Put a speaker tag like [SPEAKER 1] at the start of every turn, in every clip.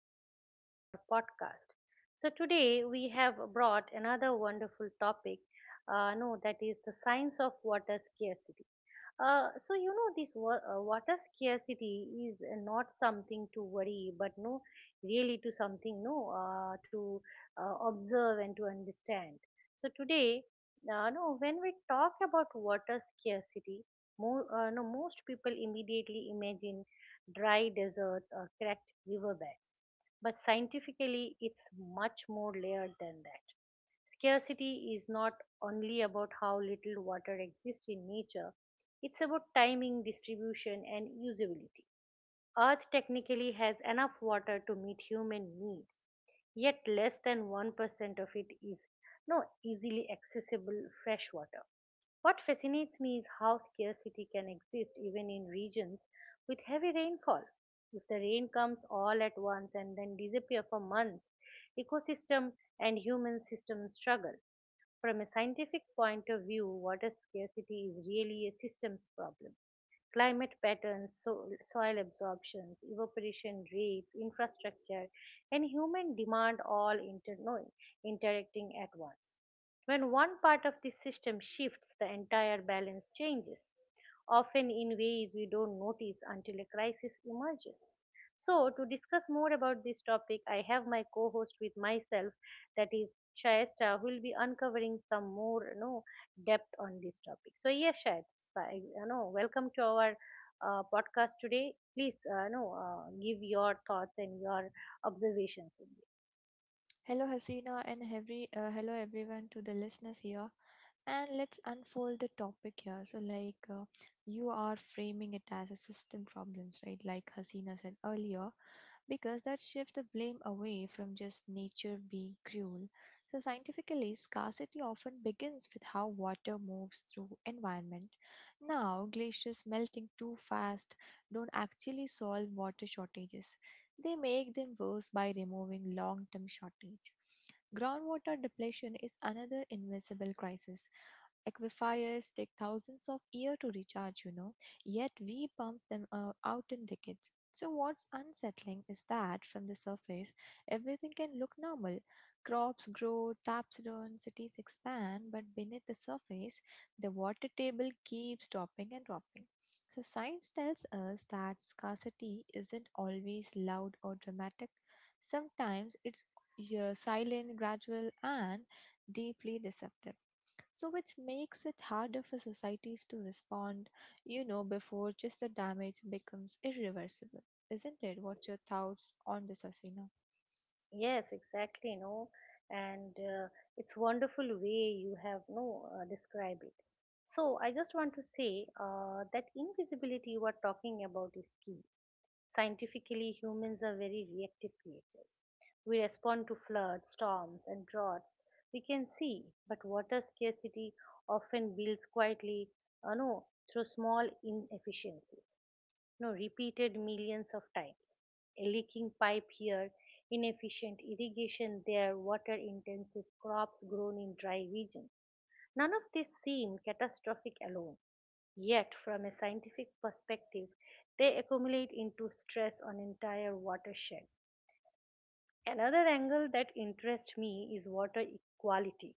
[SPEAKER 1] welcome back to our podcast. Today we have brought another wonderful topic. No, That is the science of water scarcity. So you know this water scarcity is not something to worry, but really to something no, to observe and to understand. So today, no, when we talk about water scarcity, more, no, most people immediately imagine dry deserts or cracked riverbeds, but scientifically, it's much more layered than that. Scarcity is not only about how little water exists in nature, it's about timing, distribution, and usability. Earth technically has enough water to meet human needs, yet less than 1% of it is no easily accessible fresh water. What fascinates me is how scarcity can exist even in regions with heavy rainfall. If the rain comes all at once and then disappears for months, ecosystem and human systems struggle. From a scientific point of view, water scarcity is really a systems problem. Climate patterns, soil absorptions, evaporation rates, infrastructure, and human demand all inter- no, interacting at once. When one part of the system shifts, the entire balance changes, often in ways we don't notice until a crisis emerges. So, to discuss more about this topic, I have my co host with myself, that is Shayesta, who will be uncovering some more depth on this topic. So, yes, Shayesta, welcome to our podcast today. Please give your thoughts and your observations in this.
[SPEAKER 2] Hello, Hasina, and every hello everyone to the listeners here. And let's unfold the topic here. So, you are framing it as a system problems, right? Like Hasina said earlier, because that shifts the blame away from just nature being cruel. So scientifically, scarcity often begins with how water moves through environment. Now, glaciers melting too fast don't actually solve water shortages. They make them worse by removing long-term shortage. Groundwater depletion is another invisible crisis. Aquifers take thousands of years to recharge, you know, yet we pump them out in decades. So, what's unsettling is that from the surface, everything can look normal. Crops grow, taps run, cities expand, but beneath the surface, the water table keeps dropping and dropping. So, science tells us that scarcity isn't always loud or dramatic. Sometimes it's silent, gradual, and deeply deceptive. So, which makes it harder for societies to respond, you know, before just the damage becomes irreversible. Isn't it? What's your thoughts on this, Asina?
[SPEAKER 1] Yes, exactly, no. And it's wonderful way you have no describe it. So I just want to say that invisibility you are talking about is key. Scientifically, humans are very reactive creatures. We respond to floods, storms, and droughts. We can see, but water scarcity often builds quietly, uh, no, through small inefficiencies no repeated millions of times, a leaking pipe here, inefficient irrigation there, water intensive crops grown in dry regions. None of these seem catastrophic alone, yet, from a scientific perspective, they accumulate into stress on entire watershed. Another angle that interests me is water equality.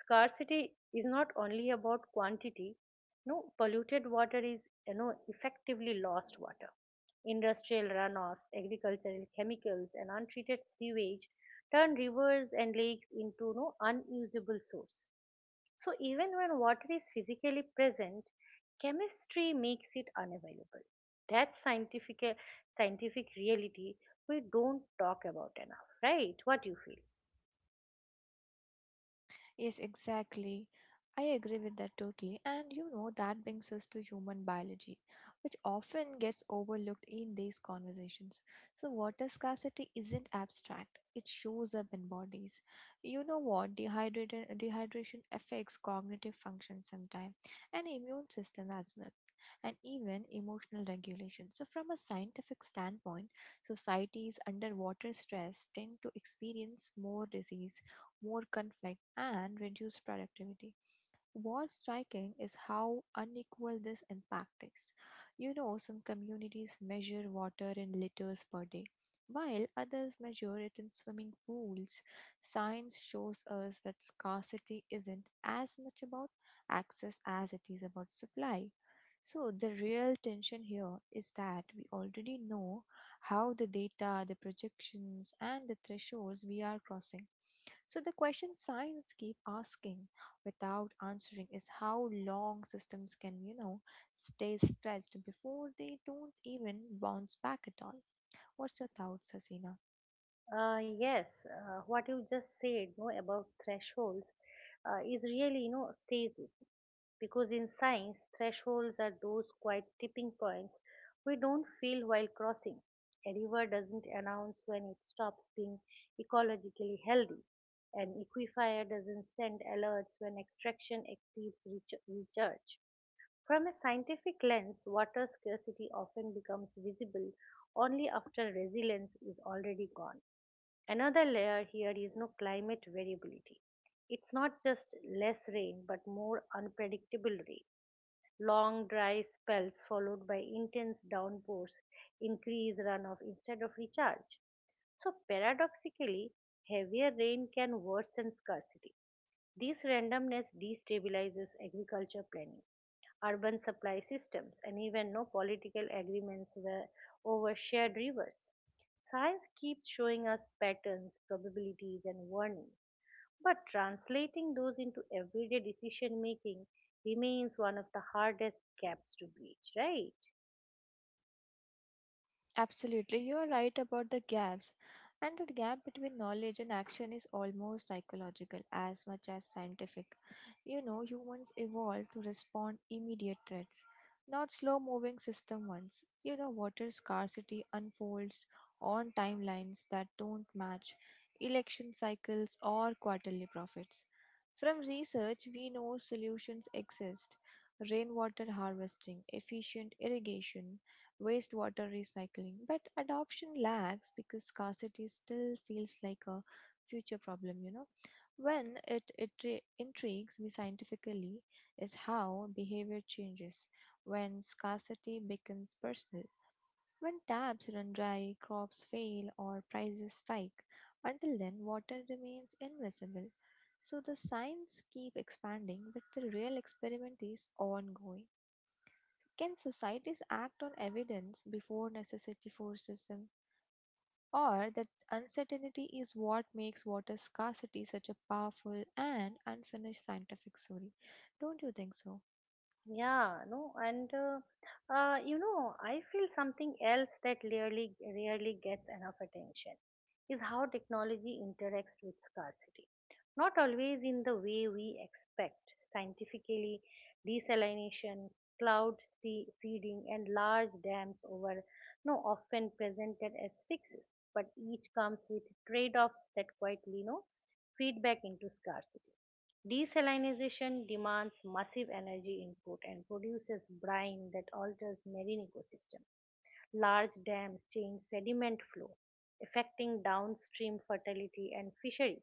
[SPEAKER 1] Scarcity is not only about quantity. No, Polluted water is, you know, effectively lost water. Industrial runoffs, agricultural chemicals, and untreated sewage turn rivers and lakes into no unusable source. So even when water is physically present, chemistry makes it unavailable. That's scientific reality we don't talk about enough, right? What you feel?
[SPEAKER 2] Yes, exactly. I agree with that totally. And you know, that brings us to human biology, which often gets overlooked in these conversations. So, water scarcity isn't abstract, it shows up in bodies. You know what? Dehydration affects cognitive function sometimes, and immune system as well. And even emotional regulation. So, from a scientific standpoint, societies under water stress tend to experience more disease more conflict, and reduced productivity. What's striking is how unequal this impact is. You know, some communities measure water in liters per day, while others measure it in swimming pools. Science shows us that scarcity isn't as much about access as it is about supply. So, the real tension here is that we already know how the data, the projections, and the thresholds we are crossing. So the question science keep asking without answering is how long systems can, you know, stay stressed before they don't even bounce back at all. What's your thoughts, Hasina?
[SPEAKER 1] Yes, what you just said, you know, about thresholds, is really you know stays. Because in science, thresholds are those quiet tipping points we don't feel while crossing. A river doesn't announce when it stops being ecologically healthy. An aquifer doesn't send alerts when extraction exceeds recharge. From a scientific lens, water scarcity often becomes visible only after resilience is already gone. Another layer here is climate variability. It's not just less rain, but more unpredictable rain. Long dry spells followed by intense downpours increase runoff instead of recharge. So paradoxically, heavier rain can worsen scarcity. This randomness destabilizes agriculture planning, urban supply systems, and even no political agreements were over shared rivers. Science keeps showing us patterns, probabilities, and warnings, but translating those into everyday decision making remains one of the hardest gaps to bridge, right?
[SPEAKER 2] Absolutely, you are right about the gaps. And the gap between knowledge and action is almost psychological as much as scientific. You know, humans evolved to respond immediate threats, not slow-moving system ones. You know, water scarcity unfolds on timelines that don't match election cycles or quarterly profits. From research, we know solutions exist. Rainwater harvesting, efficient irrigation, wastewater recycling, but adoption lags because scarcity still feels like a future problem, you know. When it re- Intrigues me scientifically is how behavior changes when scarcity becomes personal. When taps run dry, crops fail, or prices spike, until then, water remains invisible. So the science keep expanding, but the real experiment is ongoing. Can societies act on evidence before necessity forces them? Or that uncertainty is what makes water scarcity such a powerful and unfinished scientific story? Don't you think so?
[SPEAKER 1] Yeah, no, and you know, I feel something else that rarely gets enough attention is how technology interacts with scarcity. Not always in the way we expect. Scientifically, desalination, cloud seeding, and large dams over no often presented as fixes, but each comes with trade-offs that quietly no feedback into scarcity. Desalinization demands massive energy input and produces brine that alters marine ecosystem. Large dams change sediment flow, affecting downstream fertility and fisheries.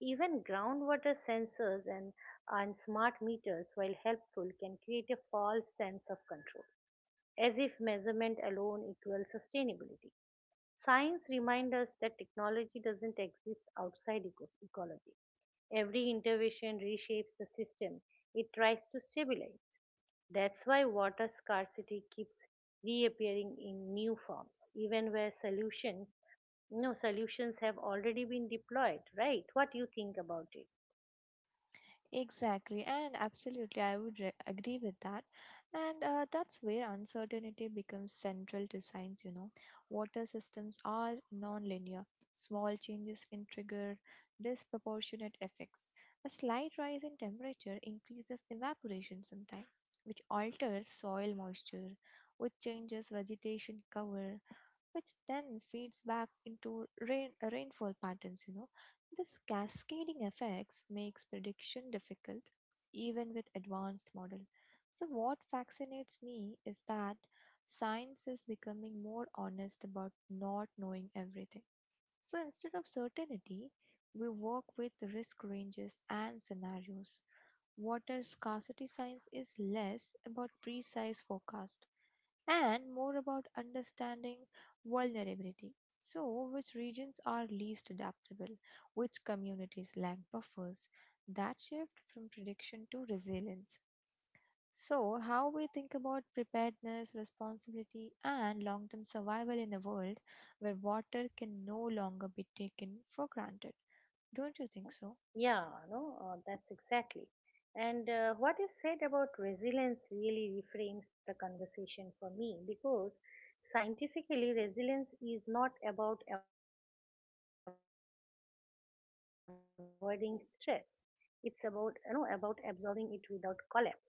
[SPEAKER 1] Even groundwater sensors and smart meters, while helpful, can create a false sense of control, as if measurement alone equals sustainability. Science reminds us that technology doesn't exist outside ecology. Every intervention reshapes the system it tries to stabilize. That's why water scarcity keeps reappearing in new forms, even where solutions, no solutions have already been deployed. Right? What do you think about it?
[SPEAKER 2] Exactly, and absolutely, agree with that. And that's where uncertainty becomes central to science, you know. Water systems are nonlinear. Small changes can trigger disproportionate effects. A slight rise in temperature increases evaporation sometime, which alters soil moisture, which changes vegetation cover, which then feeds back into rainfall patterns, you know. This cascading effects makes prediction difficult even with advanced model. So what fascinates me is that science is becoming more honest about not knowing everything. So instead of certainty, we work with risk ranges and scenarios. Water scarcity science is less about precise forecast and more about understanding vulnerability. So, which regions are least adaptable, which communities lack buffers, that shift from prediction to resilience. So, how we think about preparedness, responsibility, and long term survival in a world where water can no longer be taken for granted. Don't you think so?
[SPEAKER 1] Yeah, no, that's exactly. And what you said about resilience really reframes the conversation for me, because scientifically, resilience is not about avoiding stress, it's about, you know, about absorbing it without collapse. Natural systems do these all the time.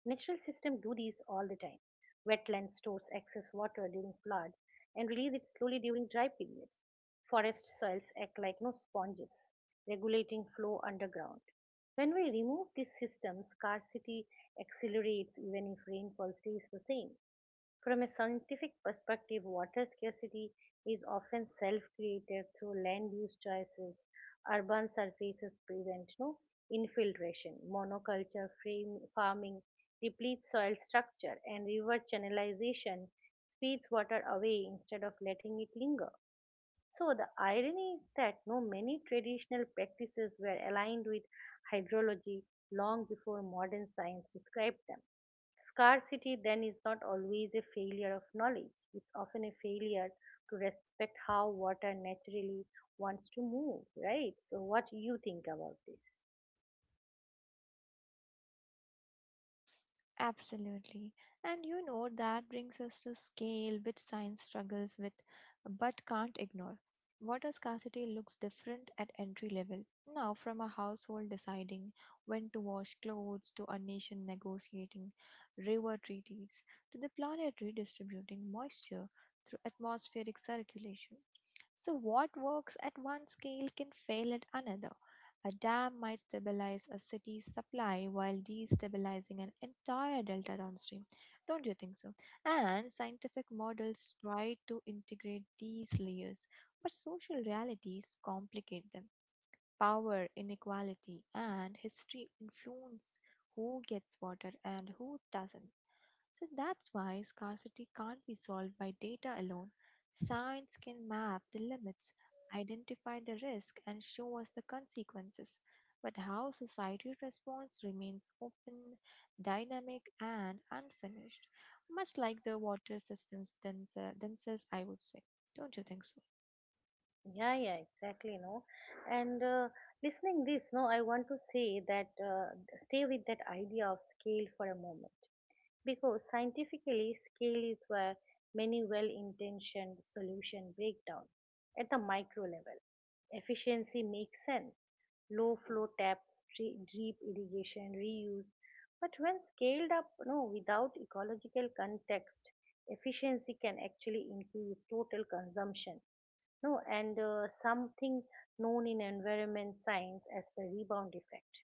[SPEAKER 1] Wetland stores excess water during floods and release it slowly during dry periods. Forest soils act like no sponges, regulating flow underground. When we remove these systems, scarcity accelerates even if rainfall stays the same. From a scientific perspective, water scarcity is often self-created through land use choices. Urban surfaces prevent no infiltration. Farming depletes soil structure, and river channelization speeds water away instead of letting it linger. So the irony is that no many traditional practices were aligned with hydrology long before modern science described them. Scarcity then is not always a failure of knowledge, it's often a failure to respect how water naturally wants to move, right? So what you think about this?
[SPEAKER 2] Absolutely. And you know, that brings us to scale, which science struggles with but can't ignore. Water scarcity looks different at entry level. Now, from a household deciding when to wash clothes, to a nation negotiating river treaties, to the planet redistributing moisture through atmospheric circulation. So, what works at one scale can fail at another. A dam might stabilize a city's supply while destabilizing an entire delta downstream. Don't you think so? And scientific models try to integrate these layers, but social realities complicate them. Power, inequality, and history influence who gets water and who doesn't. So that's why scarcity can't be solved by data alone. Science can map the limits, identify the risk, and show us the consequences. But how society responds remains open, dynamic, and unfinished, much like the water systems themselves, I would say. Don't you think so?
[SPEAKER 1] Yeah, yeah, exactly, And listening this, no, I want to say that stay with that idea of scale for a moment. Because scientifically, scale is where many well intentioned solutions break down at the micro level. Efficiency makes sense, low flow taps, drip irrigation, reuse. But when scaled up, without ecological context, efficiency can actually increase total consumption. No, and something known in environment science as the rebound effect.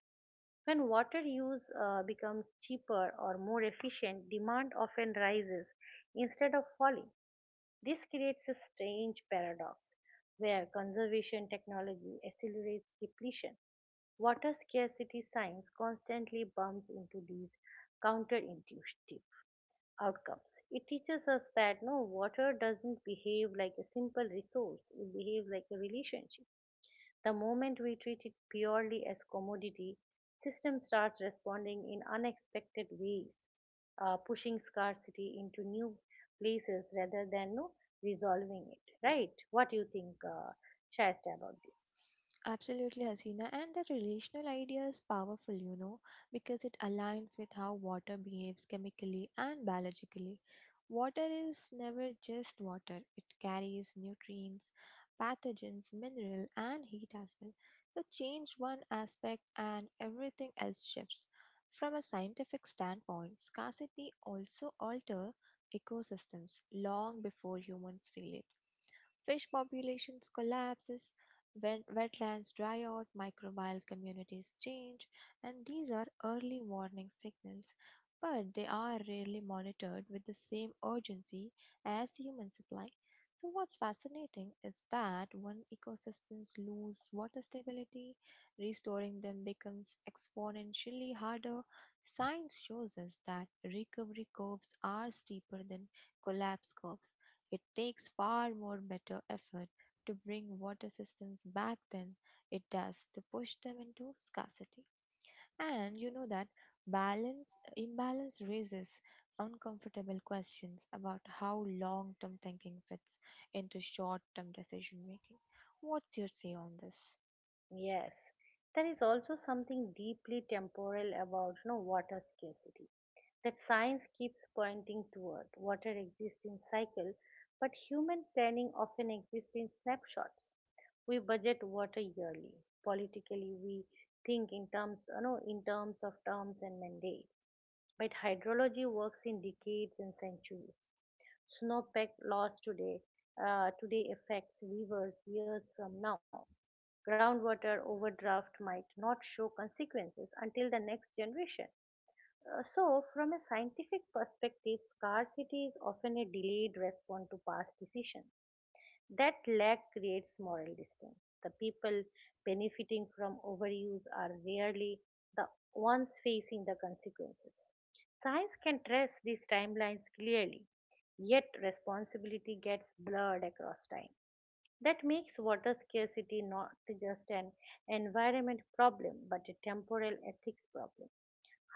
[SPEAKER 1] When water use becomes cheaper or more efficient, demand often rises instead of falling. This creates a strange paradox where conservation technology accelerates depletion. Water scarcity science constantly bumps into these counterintuitive outcomes. It teaches us that water doesn't behave like a simple resource, it behaves like a relationship. The moment we treat it purely as commodity, system starts responding in unexpected ways, pushing scarcity into new places rather than no, resolving it. Right? What do you think, Shasta, about this?
[SPEAKER 2] Absolutely, Hasina. And that relational idea is powerful, you know, because it aligns with how water behaves chemically and biologically. Water is never just water, it carries nutrients, pathogens, mineral, and heat as well. So, change one aspect and everything else shifts. From a scientific standpoint, scarcity also alters ecosystems long before humans feel it. Fish populations collapses, wetlands dry out, microbial communities change, and these are early warning signals, but they are rarely monitored with the same urgency as human supply. So what's fascinating is that when ecosystems lose water stability, restoring them becomes exponentially harder. Science shows us that recovery curves are steeper than collapse curves. It takes far more better effort to bring water systems back than it does to push them into scarcity. And you know that balance imbalance raises uncomfortable questions about how long-term thinking fits into short-term decision making. What's your say on this?
[SPEAKER 1] Yes, there is also something deeply temporal about no water scarcity that science keeps pointing toward. Water exists in cycle, but human planning often exists in snapshots. We budget water yearly. Politically, we think in terms, in terms of terms and mandate. But hydrology works in decades and centuries. Snowpack loss today, affects rivers years from now. Groundwater overdraft might not show consequences until the next generation. So, from a scientific perspective, scarcity is often a delayed response to past decisions. That lag creates moral distance. The people benefiting from overuse are rarely the ones facing the consequences. Science can trace these timelines clearly, yet responsibility gets blurred across time. That makes water scarcity not just an environment problem but a temporal ethics problem,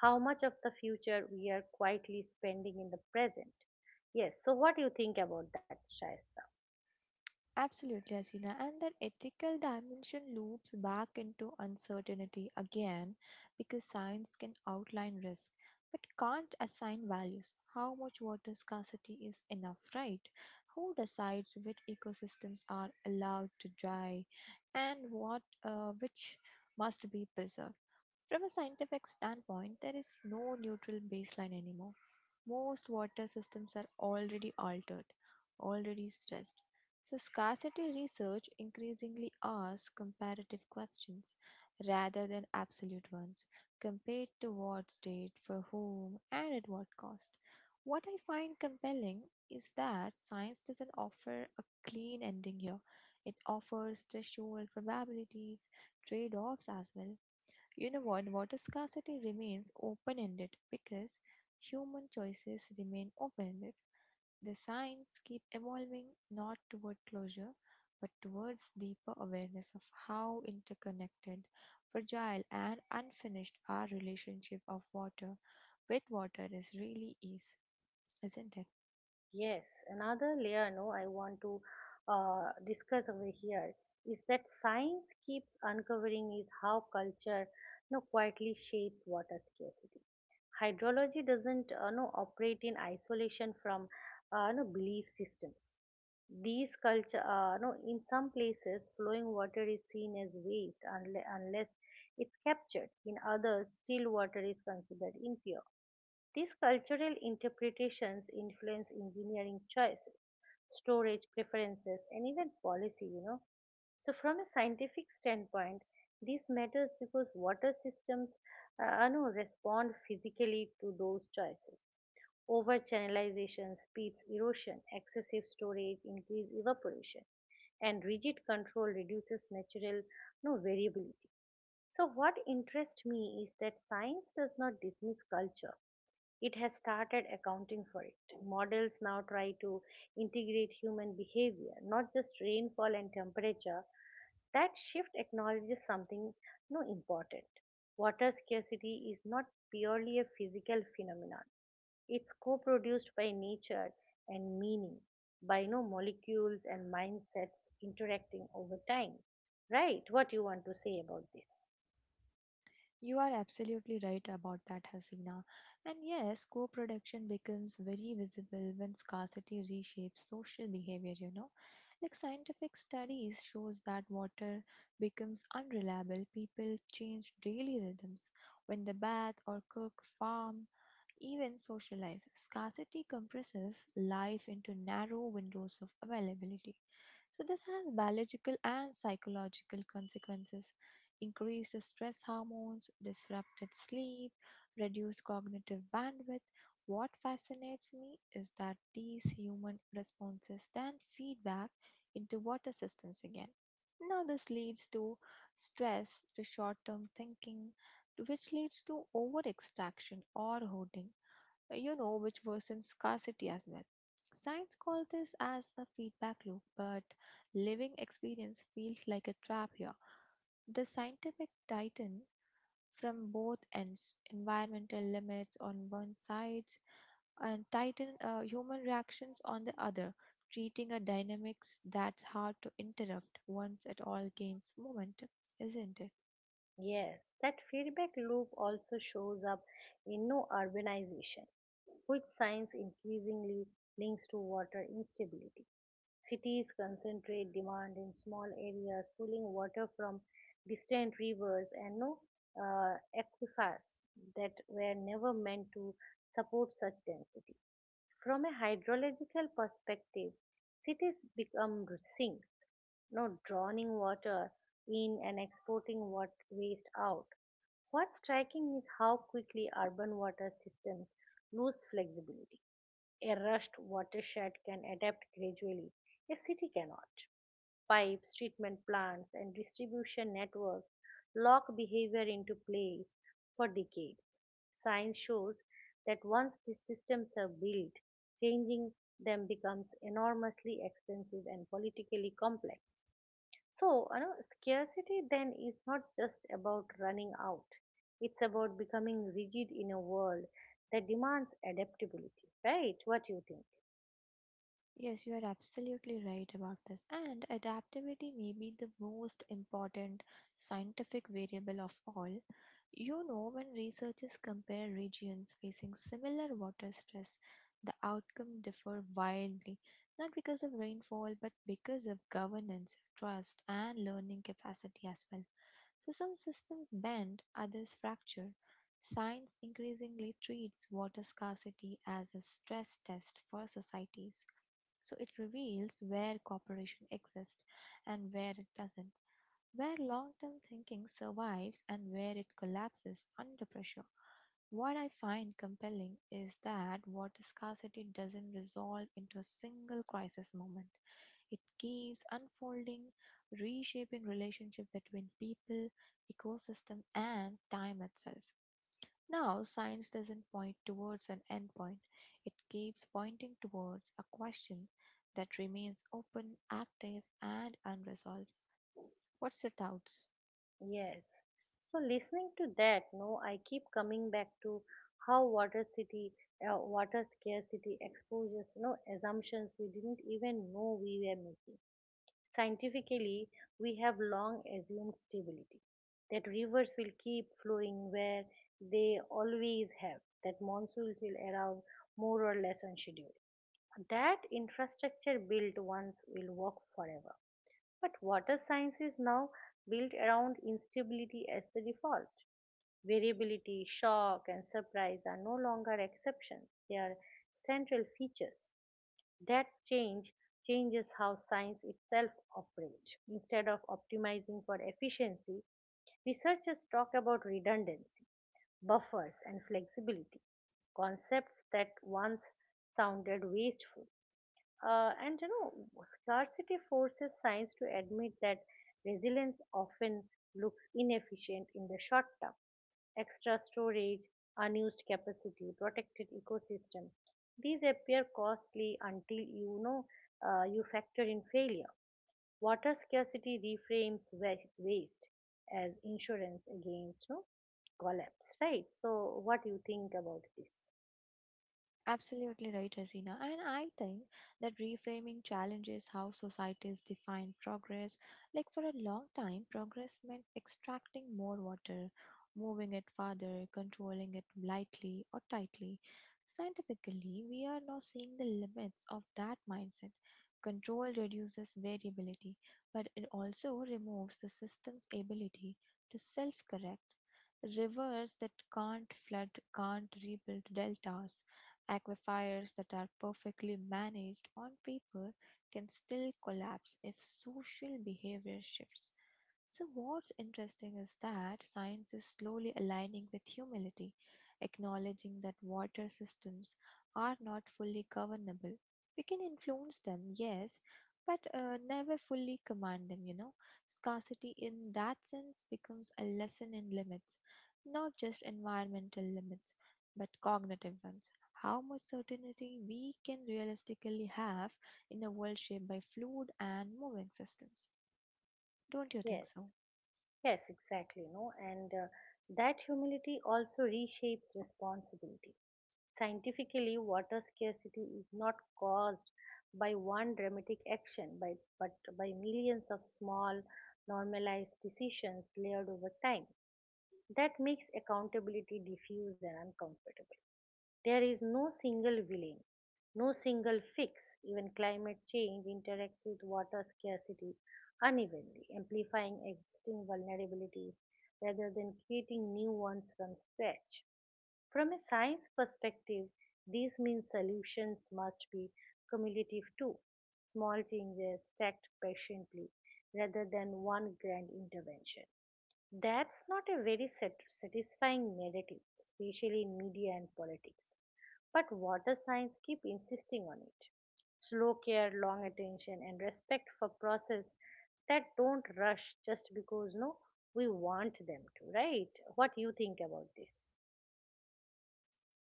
[SPEAKER 1] how much of the future we are quietly spending in the present. Yes, so what do you think about that, Shaista?
[SPEAKER 2] Absolutely, Asina. And that ethical dimension loops back into uncertainty again because science can outline risk but can't assign values. How much water scarcity is enough, right? Who decides which ecosystems are allowed to die and what which must be preserved? From a scientific standpoint, there is no neutral baseline anymore. Most water systems are already altered, already stressed. So, scarcity research increasingly asks comparative questions rather than absolute ones, compared to what state, for whom, and at what cost. What I find compelling is that science doesn't offer a clean ending here. It offers threshold probabilities, trade offs as well, you know what? Water scarcity remains open ended because human choices remain open ended. The science keep evolving not toward closure but towards deeper awareness of how interconnected, fragile and unfinished our relationship of water with water is really is, isn't it?
[SPEAKER 1] Yes, another layer no I want to discuss over here is that science keeps uncovering is how culture no quietly shapes water scarcity. Hydrology doesn't no, operate in isolation from no, belief systems. These culture no in some places flowing water is seen as waste unless it's captured, in others still water is considered impure. These cultural interpretations influence engineering choices, storage preferences, and even policy, you know. So, from a scientific standpoint, this matters because water systems, respond physically to those choices. Over channelization speeds erosion, excessive storage increases evaporation, and rigid control reduces natural, you know, variability. So, what interests me is that science does not dismiss culture. It has started accounting for it. Models now try to integrate human behavior, not just rainfall and temperature. That shift acknowledges something no important. Water scarcity is not purely a physical phenomenon. It's co-produced by nature and meaning, by no molecules and mindsets interacting over time. Right? What you want to say about this?
[SPEAKER 2] You are absolutely right about that, Hasina. And yes, co production becomes very visible when scarcity reshapes social behavior, you know. Like scientific studies shows that water becomes unreliable, people change daily rhythms. When they bath or cook, farm, even socialize. Scarcity compresses life into narrow windows of availability. So, this has biological and psychological consequences: increased stress hormones, disrupted sleep, reduced cognitive bandwidth. What fascinates me is that these human responses then feed back into water systems again. Now, this leads to stress, to short term thinking, which leads to over extraction or hoarding, you know, which worsens scarcity as well. Science calls this as a feedback loop, but living experience feels like a trap here. The scientific tighten from both ends, environmental limits on one side and tighten human reactions on the other, treating a dynamics that's hard to interrupt once it all gains momentum, isn't it?
[SPEAKER 1] Yes, that feedback loop also shows up in no urbanization, which science increasingly links to water instability. Cities concentrate demand in small areas, pulling water from distant rivers and aquifers that were never meant to support such density. From a hydrological perspective, cities become sinks, not drowning water in and exporting what waste out. What's striking is how quickly urban water systems lose flexibility. A rushed watershed can adapt gradually, a city cannot. Pipes, treatment plants, and distribution networks lock behavior into place for decades. Science shows that once these systems are built, changing them becomes enormously expensive and politically complex. So, you know, scarcity then is not just about running out. It's about becoming rigid in a world that demands adaptability, right? What do you think?
[SPEAKER 2] Yes, you are absolutely right about this. And adaptability may be the most important scientific variable of all. You know, when researchers compare regions facing similar water stress, the outcome differ wildly, not because of rainfall, but because of governance, trust, and learning capacity as well. So some systems bend, others fracture. Science increasingly treats water scarcity as a stress test for societies. So it reveals where cooperation exists and where it doesn't, where long term thinking survives and where it collapses under pressure. What I find compelling is that water scarcity doesn't resolve into a single crisis moment. It keeps unfolding, reshaping relationship between people, ecosystem and time itself. Now, science doesn't point towards an endpoint. It keeps pointing towards a question that remains open, active and unresolved. What's your thoughts?
[SPEAKER 1] Yes. So, listening to that, no, I keep coming back to how water scarcity exposes, assumptions we didn't even know we were making. Scientifically, we have long assumed stability, that rivers will keep flowing where they always have, that monsoons will arrive more or less on schedule. That infrastructure built once will work forever. But water science is now built around instability as the default. Variability, shock, and surprise are no longer exceptions, they are central features. That change changes how science itself operates. Instead of optimizing for efficiency, researchers talk about redundancy, buffers, and flexibility, concepts that once sounded wasteful. Uh, and you know, Scarcity forces science to admit that resilience often looks inefficient in the short term, extra storage, unused capacity, protected ecosystem. These appear costly until you factor in failure. Water scarcity reframes waste as insurance against no collapse, right? So, what do you think about this?
[SPEAKER 2] Absolutely right, Hasina. And I think that reframing challenges how societies define progress. Like for a long time, progress meant extracting more water, moving it farther, controlling it lightly or tightly. Scientifically, we are now seeing the limits of that mindset. Control reduces variability, but it also removes the system's ability to self correct. Rivers that can't flood can't rebuild deltas. Aquifers that are perfectly managed on paper can still collapse if social behavior shifts. So, what's interesting is that science is slowly aligning with humility, acknowledging that water systems are not fully governable. We can influence them, yes, but never fully command them, you know. Scarcity in that sense becomes a lesson in limits, not just environmental limits, but cognitive ones, how much certainty we can realistically have in a world shaped by fluid and moving systems. Don't you think
[SPEAKER 1] Yes,
[SPEAKER 2] so?
[SPEAKER 1] yes, exactly. No, and That humility also reshapes responsibility. Scientifically, water scarcity is not caused by one dramatic action, but by millions of small, normalized decisions layered over time. That makes accountability diffuse and uncomfortable. There is no single villain, no single fix. Even climate change interacts with water scarcity unevenly, amplifying existing vulnerabilities rather than creating new ones from scratch. From a science perspective, these mean solutions must be cumulative too. Small changes stacked patiently rather than one grand intervention. That's not a very satisfying narrative, especially in media and politics. But water science keep insisting on it. Slow care, long attention, and respect for process that don't rush just because no we want them to, right? What you think about this?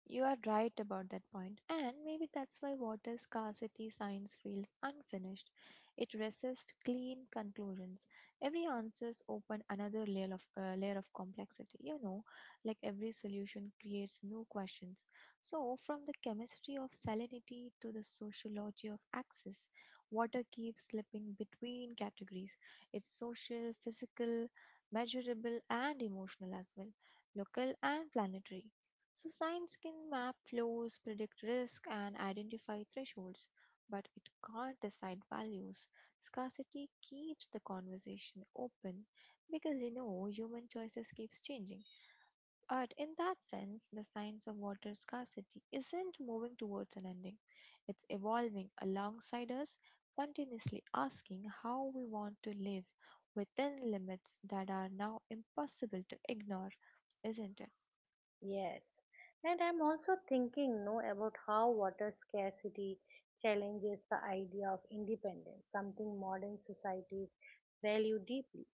[SPEAKER 2] You are right about that point, and maybe that's why water scarcity science feels unfinished. It resists clean conclusions. Every answers open another layer of complexity. Like every solution creates new questions. So, from the chemistry of salinity to the sociology of access, water keeps slipping between categories. It's social, physical, measurable, and emotional as well, local and planetary. So, science can map flows, predict risk, and identify thresholds, but it can't decide values. Scarcity keeps the conversation open because human choices keeps changing. But in that sense, the science of water scarcity isn't moving towards an ending. It's evolving alongside us, continuously asking how we want to live within limits that are now impossible to ignore, isn't it?
[SPEAKER 1] Yes, and I'm also thinking, no, about how water scarcity challenges the idea of independence, something modern societies value deeply.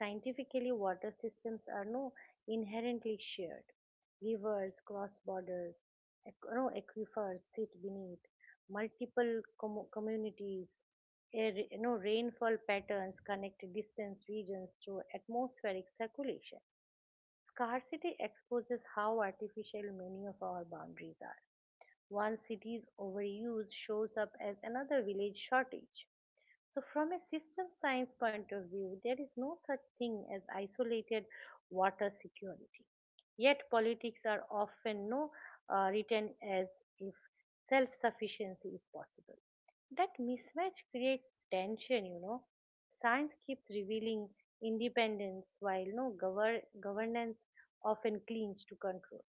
[SPEAKER 1] Scientifically, water systems are no inherently shared. Rivers cross borders, aqu- no, aquifers sit beneath multiple communities. Air, you know, rainfall patterns connect distant regions through atmospheric circulation. Scarcity exposes how artificial many of our boundaries are. One city's overuse shows up as another village shortage. So, from a system science point of view, there is no such thing as isolated water security. Yet, politics are often written as if self sufficiency is possible. That mismatch creates tension, you know. Science keeps revealing independence while no governance often clings to control.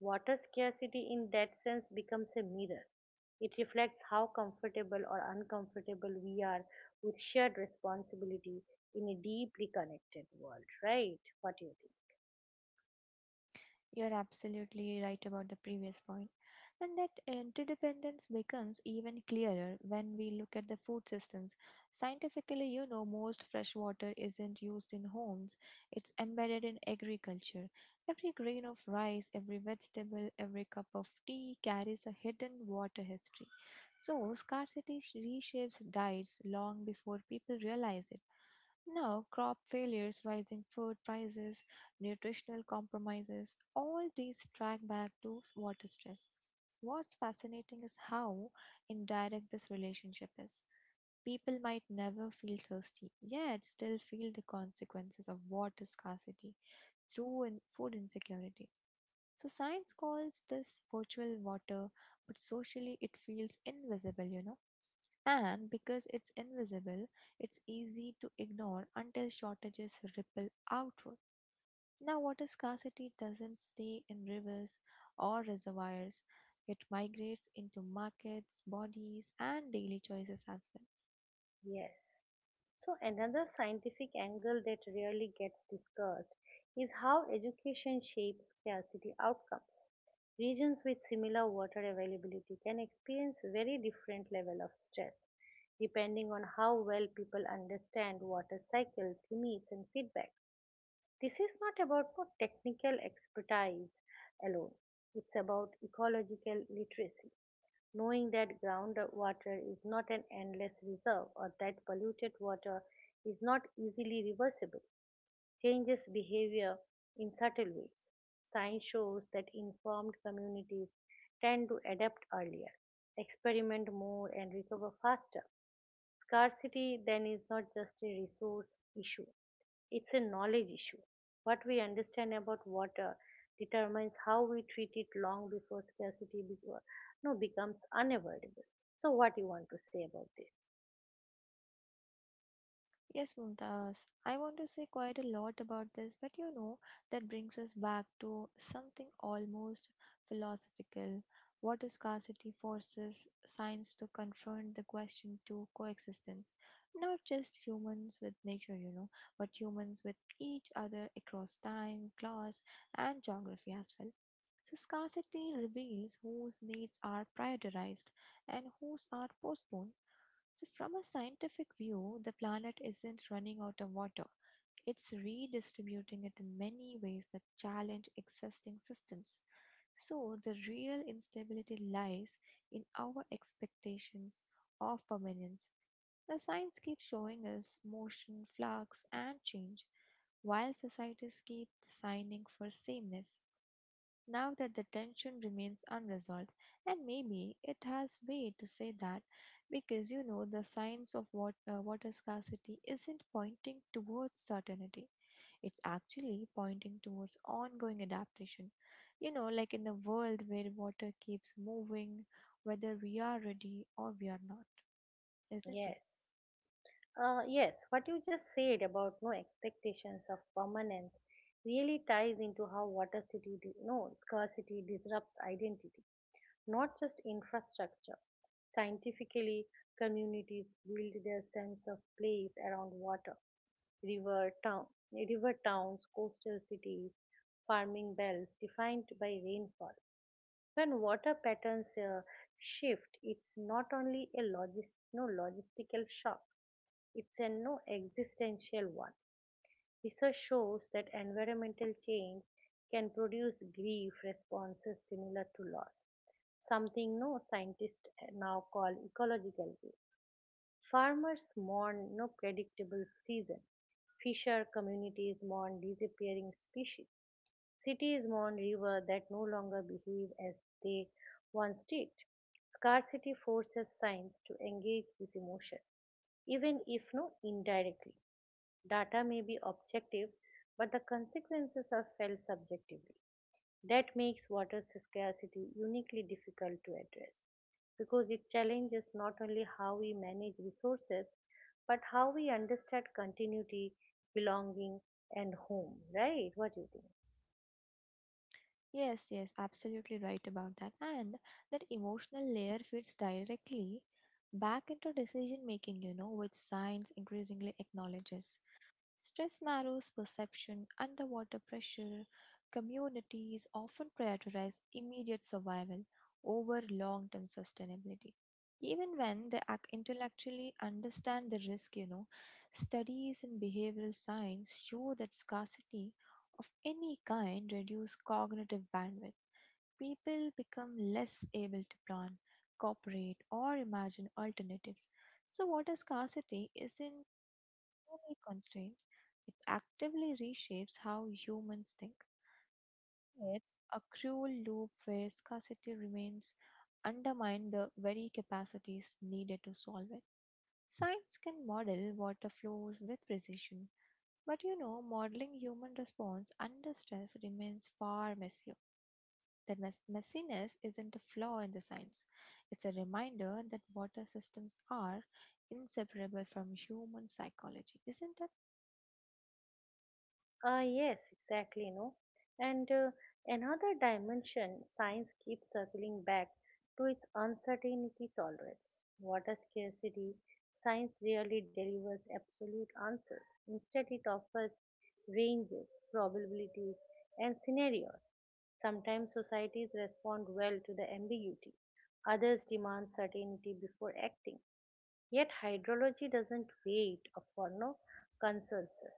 [SPEAKER 1] Water scarcity, in that sense, becomes a mirror. It reflects how comfortable or uncomfortable we are with shared responsibility in a deeply connected world, right? What do you think?
[SPEAKER 2] You're absolutely right about the previous point, and that interdependence becomes even clearer when we look at the food systems. Scientifically, most fresh water isn't used in homes, it's embedded in agriculture. Every grain of rice, every vegetable, every cup of tea carries a hidden water history. So, reshapes diets long before people realize it. Now, crop failures, rising food prices, nutritional compromises, all these track back to water stress. What's fascinating is how indirect this relationship is. People might never feel thirsty, yet still feel the consequences of water scarcity through in food insecurity. So, science calls this virtual water, but socially it feels invisible. And because it's invisible, it's easy to ignore until shortages ripple outward. Now, water scarcity doesn't stay in rivers or reservoirs, it migrates into markets, bodies, and daily choices as well.
[SPEAKER 1] Yes. So, another scientific angle that rarely gets discussed is how education shapes scarcity outcomes. Regions with similar water availability can experience very different level of stress depending on how well people understand water cycles, limits and feedback. This is not about for technical expertise alone. It's about ecological literacy, knowing that groundwater is not an endless reserve or that polluted water is not easily reversible, changes behavior in subtle ways. Science shows that informed communities tend to adapt earlier, experiment more, and recover faster. Scarcity then is not just a resource issue, it's a knowledge issue. What we understand about water determines how we treat it long before scarcity before, no, becomes unavoidable. So, what you want to say about this?
[SPEAKER 2] Yes, Mumtaz. I want to say quite a lot about this, but that brings us back to something almost philosophical. Water scarcity forces science to confront the question to coexistence, not just humans with nature, but humans with each other across time, class, and geography as well. So, scarcity reveals whose needs are prioritized and whose are postponed. So, from a scientific view, the planet isn't running out of water. It's redistributing it in many ways that challenge existing systems. So, the real instability lies in our expectations of permanence. Now, science keeps showing us motion, flux, and change, while societies keep signing for sameness now that the tension remains unresolved. And maybe it has way to say that because the signs of water scarcity isn't pointing towards certainty. It's actually pointing towards ongoing adaptation. Like in a world where water keeps moving, whether we are ready or we are not, isn't it?
[SPEAKER 1] Yes. Yes, what you just said about no expectations of permanence really ties into how water city, di- no, scarcity disrupts identity, not just infrastructure. Scientifically, communities build their sense of place around water. River town, River towns, coastal cities, farming belts defined by rainfall. When water patterns shift, it's not only a logis- no logistical shock; it's a no existential one. Research shows that environmental change can produce grief responses similar to loss, something no scientists now call ecological way. Farmers mourn no predictable season. Fisher communities mourn disappearing species. Cities mourn rivers that no longer behave as they once did. Scarcity forces science to engage with emotion, even if no indirectly. Data may be objective, but the consequences are felt subjectively. That makes water scarcity uniquely difficult to address because it challenges not only how we manage resources but how we understand continuity, belonging, and home. Right? What do you think?
[SPEAKER 2] Yes, yes, absolutely right about that. And that emotional layer fits directly back into decision making, which science increasingly acknowledges. Stress narrows perception underwater pressure. Communities often prioritize immediate survival over long term sustainability. Even when they intellectually understand the risk, studies in behavioral science show that scarcity of any kind reduce cognitive bandwidth. People become less able to plan, cooperate, or imagine alternatives. So, water scarcity isn't external constraint, it actively reshapes how humans think. It's a cruel loop where scarcity remains undermine the very capacities needed to solve it. Science can model water flows with precision, but modeling human response under stress remains far messier. That messiness isn't a flaw in the science. It's a reminder that water systems are inseparable from human psychology, isn't it?
[SPEAKER 1] Yes, exactly, no. And Another dimension science keeps circling back to its uncertainty tolerance. Water scarcity, science rarely delivers absolute answers. Instead, it offers ranges, probabilities, and scenarios. Sometimes societies respond well to the ambiguity, others demand certainty before acting. Yet hydrology doesn't wait for no consensus.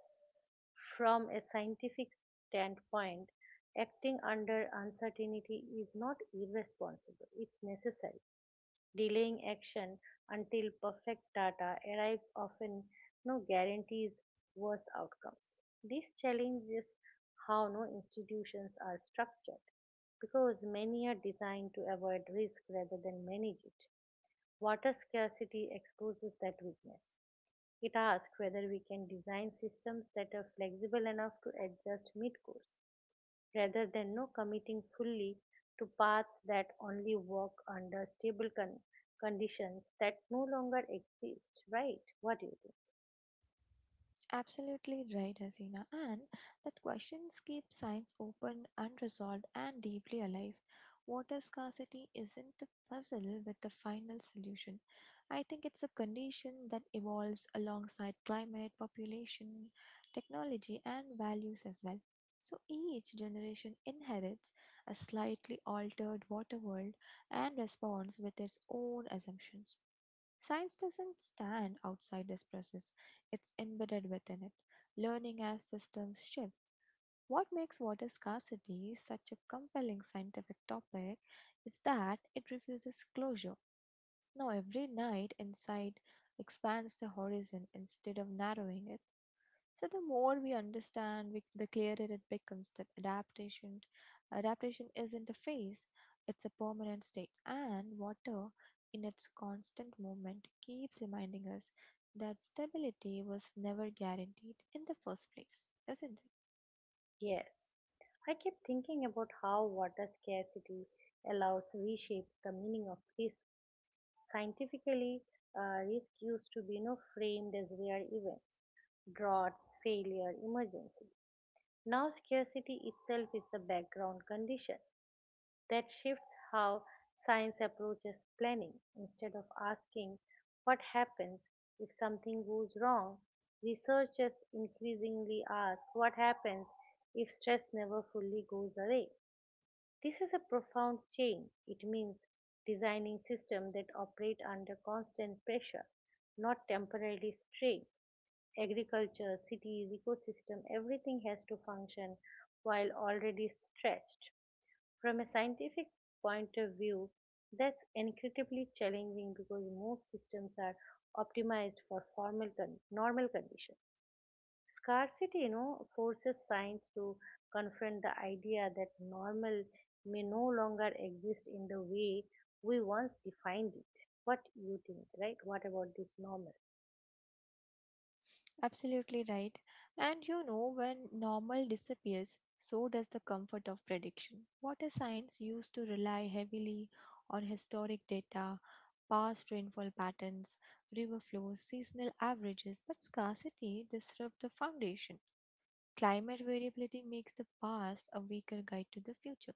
[SPEAKER 1] From a scientific standpoint, acting under uncertainty is not irresponsible, it's necessary. Delaying action until perfect data arrives often no guarantees worse outcomes. This challenges how no institutions are structured because many are designed to avoid risk rather than manage it. Water scarcity exposes that weakness. It asks whether we can design systems that are flexible enough to adjust mid course, rather than no committing fully to paths that only work under stable conditions that no longer exist, right? What do you think?
[SPEAKER 2] Absolutely right, Hasina. And that questions keep science open, unresolved, and deeply alive. Water scarcity isn't a puzzle with the final solution. I think it's a condition that evolves alongside climate, population, technology, and values as well. So each generation inherits a slightly altered water world and responds with its own assumptions. Science doesn't stand outside this process. It's embedded within it. Learning as systems shift. What makes water scarcity such a compelling scientific topic is that it refuses closure. Now, every night insight expands the horizon instead of narrowing it. So the more we understand, the clearer it becomes that adaptation isn't a phase, it's a permanent state. And water, in its constant movement, keeps reminding us that stability was never guaranteed in the first place, isn't it?
[SPEAKER 1] Yes. I kept thinking about how water scarcity allows reshapes the meaning of risk. Scientifically, risk used to be no framed as rare events, droughts, failure, emergencies. Now, scarcity itself is the background condition that shifts how science approaches planning. Instead of asking what happens if something goes wrong, researchers increasingly ask what happens if stress never fully goes away. This is a profound change. It means designing systems that operate under constant pressure, not temporarily strain. Agriculture, cities, ecosystem, everything has to function while already stretched. From a scientific point of view, that's incredibly challenging because most systems are optimized for formal normal conditions. Scarcity, you know, forces science to confront the idea that normal may no longer exist in the way we once defined it. What you think, right? What about this normal?
[SPEAKER 2] Absolutely right. And when normal disappears, so does the comfort of prediction. Water science used to rely heavily on historic data, past rainfall patterns, river flows, seasonal averages, but scarcity disrupts the foundation. Climate variability makes the past a weaker guide to the future.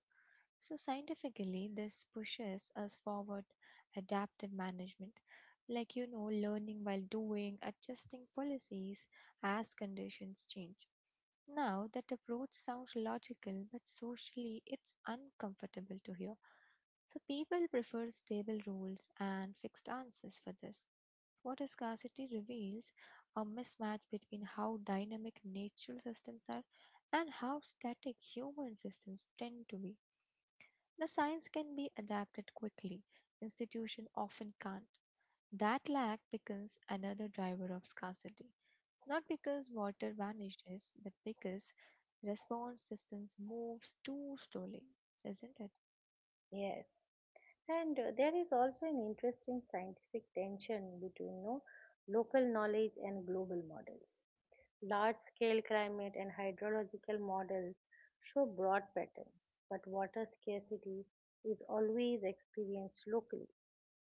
[SPEAKER 2] So, scientifically, this pushes us forward adaptive management, like learning while doing, adjusting policies as conditions change. Now, that approach sounds logical, but socially it's uncomfortable to hear. So, people prefer stable rules and fixed answers for this. What scarcity reveals a mismatch between how dynamic natural systems are and how static human systems tend to be. Now, science can be adapted quickly, institutions often can't. That lack becomes another driver of scarcity. Not because water vanishes, but because response systems moves too slowly, isn't it?
[SPEAKER 1] Yes. And There is also an interesting scientific tension between, you know, local knowledge and global models. Large scale climate and hydrological models show broad patterns, but water scarcity is always experienced locally.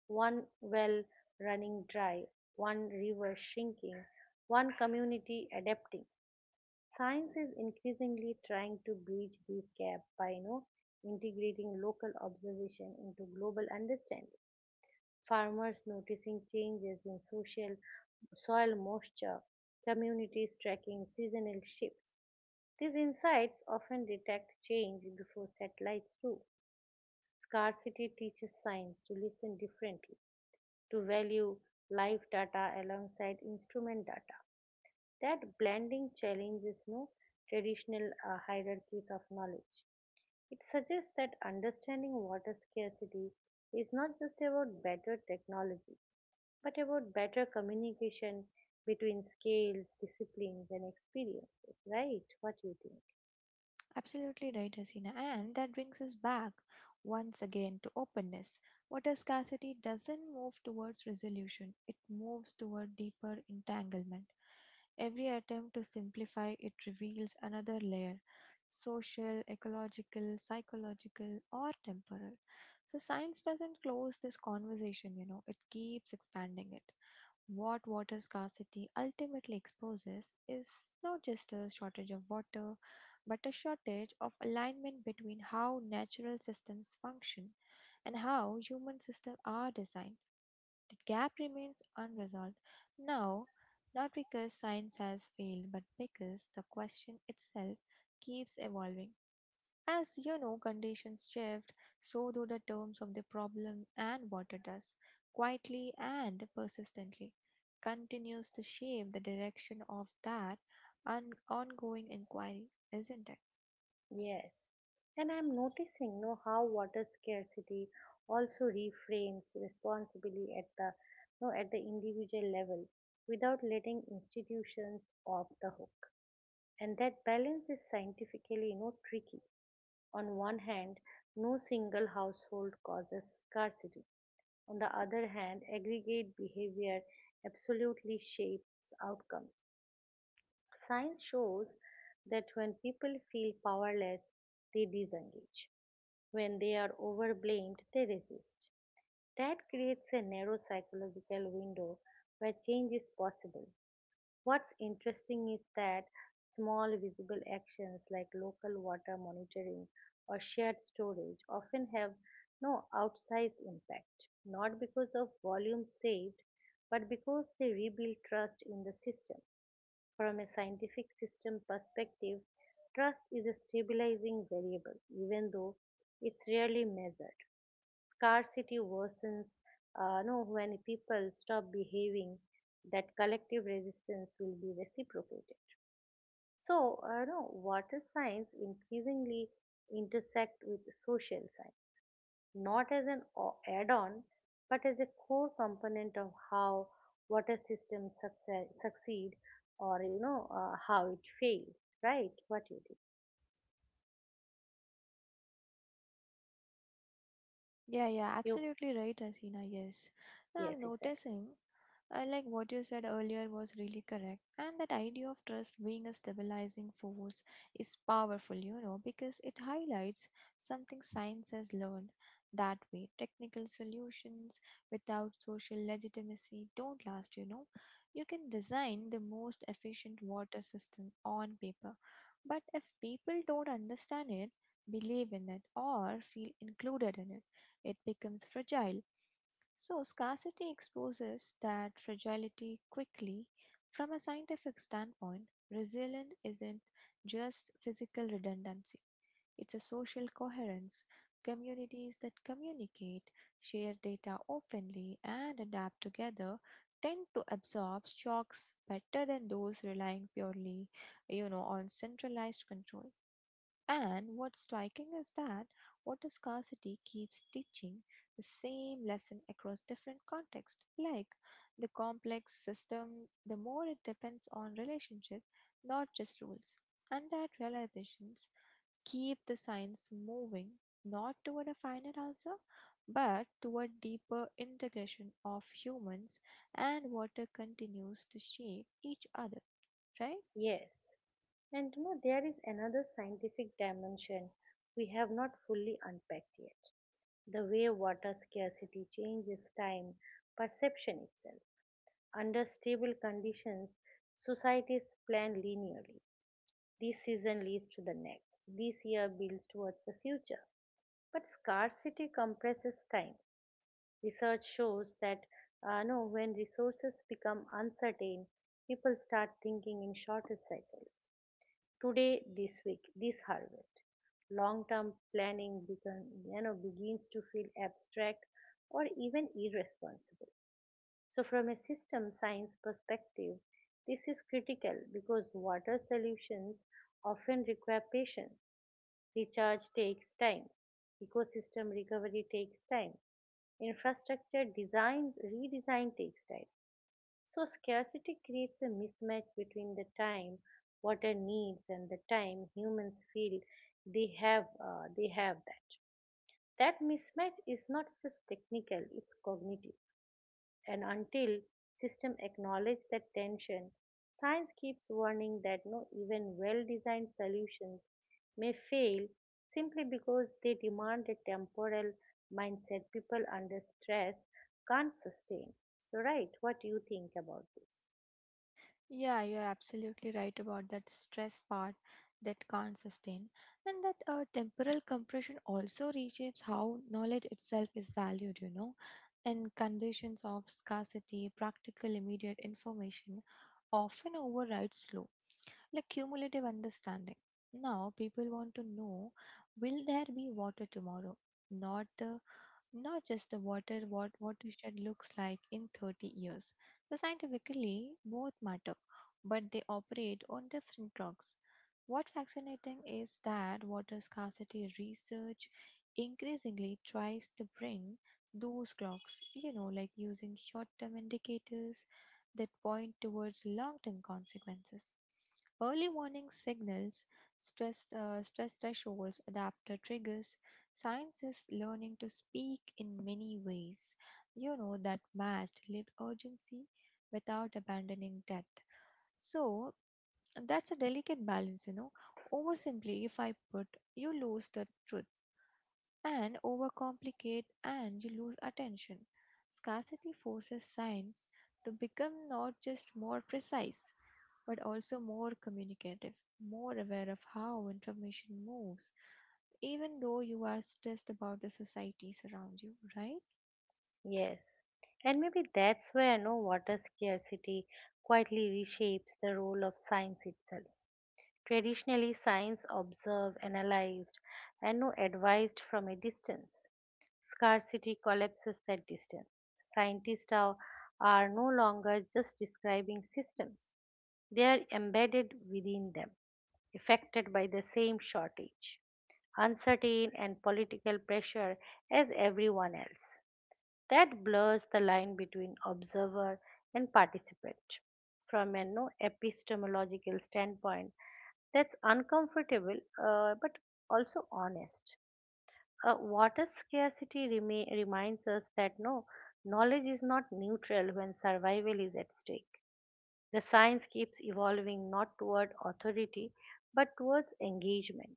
[SPEAKER 1] One well running dry, one river shrinking, one community adapting. Science is increasingly trying to bridge these gaps by, you know, integrating local observation into global understanding. Farmers noticing changes in social soil moisture, communities tracking seasonal shifts. These insights often detect change before satellites do. Scarcity teaches science to listen differently, to value live data alongside instrument data. That blending challenges no traditional hierarchies of knowledge. It suggests that understanding water scarcity is not just about better technology, but about better communication between scales, disciplines, and experiences, right? What do you think?
[SPEAKER 2] Absolutely right, Hasina. And that brings us back once again to openness. Water scarcity doesn't move towards resolution, it moves toward deeper entanglement. Every attempt to simplify it reveals another layer social, ecological, psychological, or temporal. So, science doesn't close this conversation, it keeps expanding it. What water scarcity ultimately exposes is not just a shortage of water, but a shortage of alignment between how natural systems function and how human systems are designed. The gap remains unresolved now, not because science has failed, but because the question itself keeps evolving. As conditions shift, so do the terms of the problem, and water does, quietly and persistently, continues to shape the direction of that ongoing inquiry, isn't it?
[SPEAKER 1] Yes, and I'm noticing know how water scarcity also reframes responsibility at the no at the individual level without letting institutions off the hook. And that balance is scientifically, you know, tricky. On one hand, no single household causes scarcity. On the other hand, aggregate behavior absolutely shapes outcomes. Science shows that when people feel powerless, they disengage. When they are overblamed, they resist. That creates a narrow psychological window where change is possible. What's interesting is that small visible actions like local water monitoring or shared storage often have no outsized impact, not because of volume saved, but because they rebuild trust in the system. From a scientific system perspective, trust is a stabilizing variable, even though it's rarely measured. Scarcity worsens no, when people stop behaving, that collective resistance will be reciprocated. So, no, water science increasingly intersect with social science not as an add-on but as a core component of how water systems succeed or how it fails, right, what you did
[SPEAKER 2] Yeah, yeah,
[SPEAKER 1] you,
[SPEAKER 2] absolutely right, Asina. Yes. Now I'm
[SPEAKER 1] yes exactly,
[SPEAKER 2] noticing, like what you said earlier was really correct. And that idea of trust being a stabilizing force is powerful, because it highlights something science has learned that way. Technical solutions without social legitimacy don't last, you know. You can design the most efficient water system on paper, but if people don't understand it, believe in it, or feel included in it, it becomes fragile. So, scarcity exposes that fragility quickly. From a scientific standpoint, resilience isn't just physical redundancy, it's a social coherence. Communities that communicate, share data openly, and adapt together tend to absorb shocks better than those relying purely on centralized control and what's striking is that water scarcity keeps teaching the same lesson across different contexts. Like the complex system, the more it depends on relationship, not just rules. And that realizations keep the science moving not toward a final answer, but toward deeper integration of humans and water continues to shape each other, right?
[SPEAKER 1] yes, and you know there is another scientific dimension we have not fully unpacked yet, the way water scarcity changes time perception itself. Under stable conditions, societies plan linearly. This season leads to the next. This year builds towards the future. But scarcity compresses time. Research shows that no, when resources become uncertain, people start thinking in shorter cycles. Today, this week, this harvest. Long-term planning become, you know, begins to feel abstract or even irresponsible. So, from a system science perspective, this is critical because water solutions often require patience. Recharge takes time. Ecosystem recovery takes time. Infrastructure design redesign takes time. So scarcity creates a mismatch between the time water needs and the time humans feel they have that. That mismatch is not just technical, it's cognitive, and until system acknowledge that tension, science keeps warning that no even well designed solutions may fail simply because they demand a temporal mindset people under stress can't sustain, so right, what do you think about this?
[SPEAKER 2] Yeah, you're absolutely right about that stress part that can't sustain. And that temporal compression also reshapes how knowledge itself is valued, In conditions of scarcity, practical, immediate information often overrides slow. Like cumulative understanding. Now people want to know will there be water tomorrow? Not the Not just the water what water shed looks like in 30 years. So scientifically both matter, but they operate on different clocks. What fascinating is that water scarcity research increasingly tries to bring those clocks, like using short term indicators that point towards long term consequences. Early warning signals, stress thresholds, adapter triggers, science is learning to speak in many ways, that matched lived urgency without abandoning depth. So that's a delicate balance. Oversimplify put, you lose the truth and overcomplicate and you lose attention. Scarcity forces science to become not just more precise, but also more communicative, more aware of how information moves, even though you are stressed about the societies around you, right?
[SPEAKER 1] Yes, and maybe that's where no water scarcity quietly reshapes the role of science itself. Traditionally, science observed, analyzed, and no advised from a distance. Scarcity collapses that distance. Scientists are no longer just describing systems, they are embedded within them, affected by the same shortage, uncertain, and political pressure as everyone else, that blurs the line between observer and participant. From an no epistemological standpoint, that's uncomfortable, but also honest. Water scarcity reminds us that knowledge is not neutral when survival is at stake. The science keeps evolving not toward authority but towards engagement.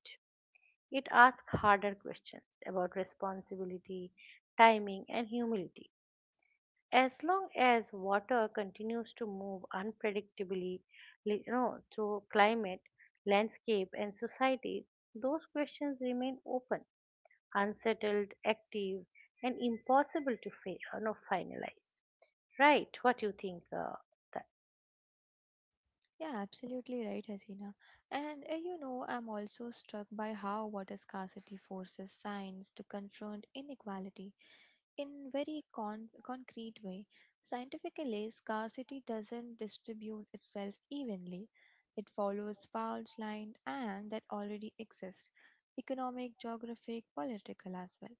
[SPEAKER 1] It asks harder questions about responsibility, timing, and humility as long as water continues to move unpredictably, through climate, landscape, and society. Those questions remain open, unsettled, active, and impossible to finalize. Right, what do you think? That?
[SPEAKER 2] Yeah, absolutely right, Hasina. And I'm also struck by how water scarcity forces science to confront inequality In very concrete way, scientifically, scarcity doesn't distribute itself evenly. It follows fault lines and that already exist, economic, geographic, political as well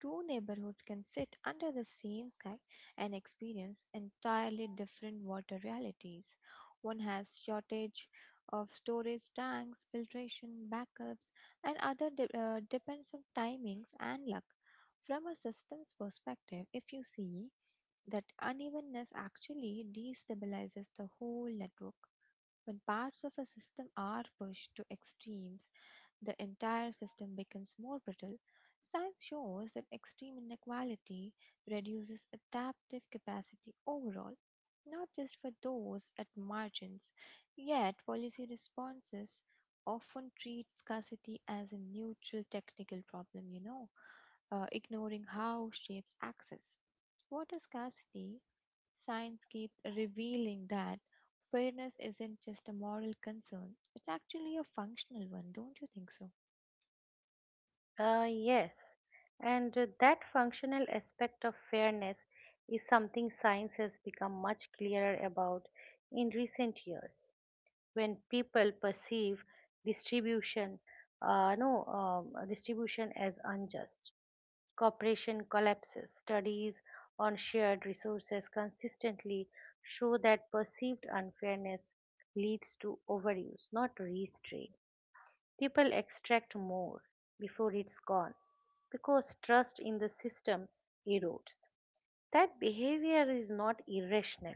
[SPEAKER 2] two neighborhoods can sit under the same sky and experience entirely different water realities. One has shortage of storage tanks, filtration, backups, and other depends on timings and luck. From a systems perspective, if you see that unevenness actually destabilizes the whole network. When parts of a system are pushed to extremes, the entire system becomes more brittle. Science shows that extreme inequality reduces adaptive capacity overall, not just for those at margins. Yet, policy responses often treat scarcity as a neutral technical problem, ignoring how shapes access. Water scarcity, science keeps revealing that fairness isn't just a moral concern, it's actually a functional one, don't you think so?
[SPEAKER 1] Yes, and that functional aspect of fairness is something science has become much clearer about in recent years. When people perceive distribution, no distribution as unjust, cooperation collapses. Studies on shared resources consistently show that perceived unfairness leads to overuse, not restraint. People extract more before it's gone because trust in the system erodes. That behavior is not irrational,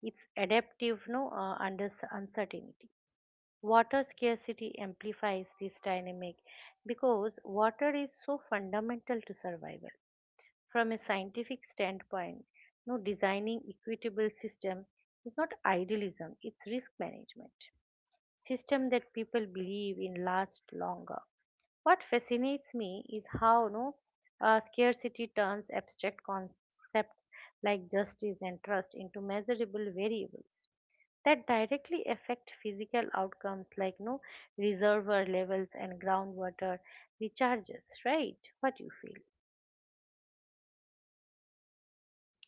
[SPEAKER 1] it's adaptive no under uncertainty. Water scarcity amplifies this dynamic because water is so fundamental to survival. From a scientific standpoint, no designing equitable system is not idealism, it's risk management. System that people believe in last longer. What fascinates me is how no scarcity turns abstract concepts like justice and trust into measurable variables that directly affect physical outcomes like no reservoir levels and groundwater recharges. Right, what you feel?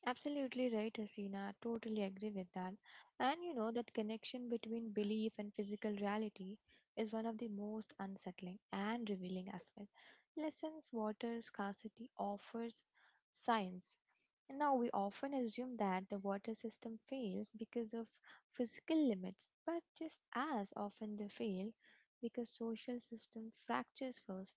[SPEAKER 2] Absolutely right, Hasina. Totally agree with that. And that connection between belief and physical reality is one of the most unsettling and revealing as well. Lessons water scarcity offers science. Now, we often assume that the water system fails because of physical limits, but just as often they fail because social system fractures first.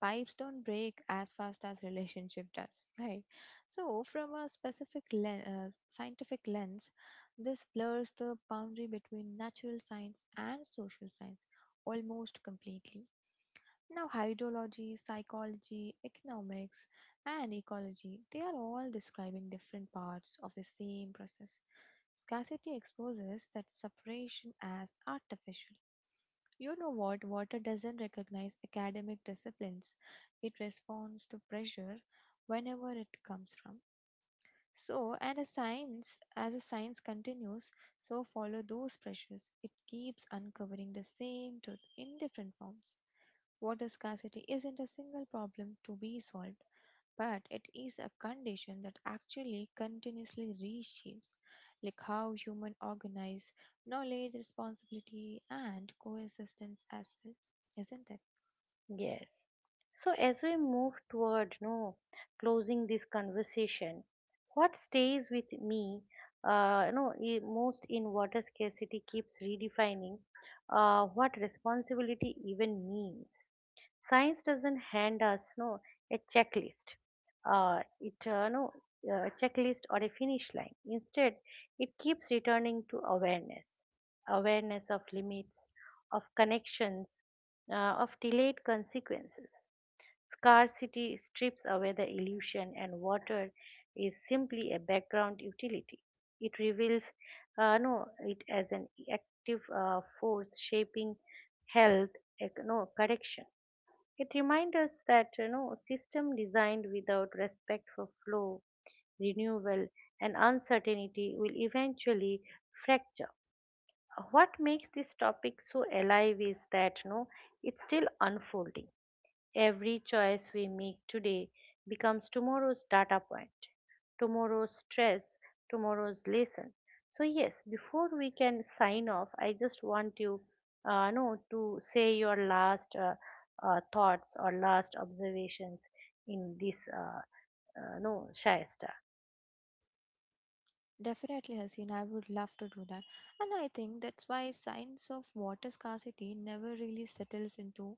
[SPEAKER 2] Pipes don't break as fast as relationship does, right? So, from a scientific lens, this blurs the boundary between natural science and social science almost completely. Now, hydrology, psychology, economics, and ecology, they are all describing different parts of the same process. Scarcity exposes that separation as artificial. You know what? Water doesn't recognize academic disciplines, it responds to pressure whenever it comes from. As a science continues, so follow those pressures. It keeps uncovering the same truth in different forms. Water scarcity isn't a single problem to be solved, but it is a condition that actually continuously reshapes, like how human organize knowledge, responsibility, and coexistence as well, isn't it?
[SPEAKER 1] Yes, so as we move toward no closing this conversation, what stays with me no I- most in water scarcity keeps redefining what responsibility even means. Science doesn't hand us a checklist, it no a checklist or a finish line. Instead, it keeps returning to awareness, awareness of limits, of connections, uh, of delayed consequences. Scarcity strips away the illusion, and water is simply a background utility. It reveals no it as an active force shaping health, ec- no correction, it reminds us that, you know, system designed without respect for flow, renewal, and uncertainty will eventually fracture. What makes this topic so alive is that, you know, it's still unfolding. Every choice we make today becomes tomorrow's data point, tomorrow's stress, tomorrow's lesson. So, yes, before we can sign off, I just want you know, to say your last thoughts or last observations in this, no, Shayesta.
[SPEAKER 2] Definitely, Haseen, I would love to do that. And I think that's why signs of water scarcity never really settles into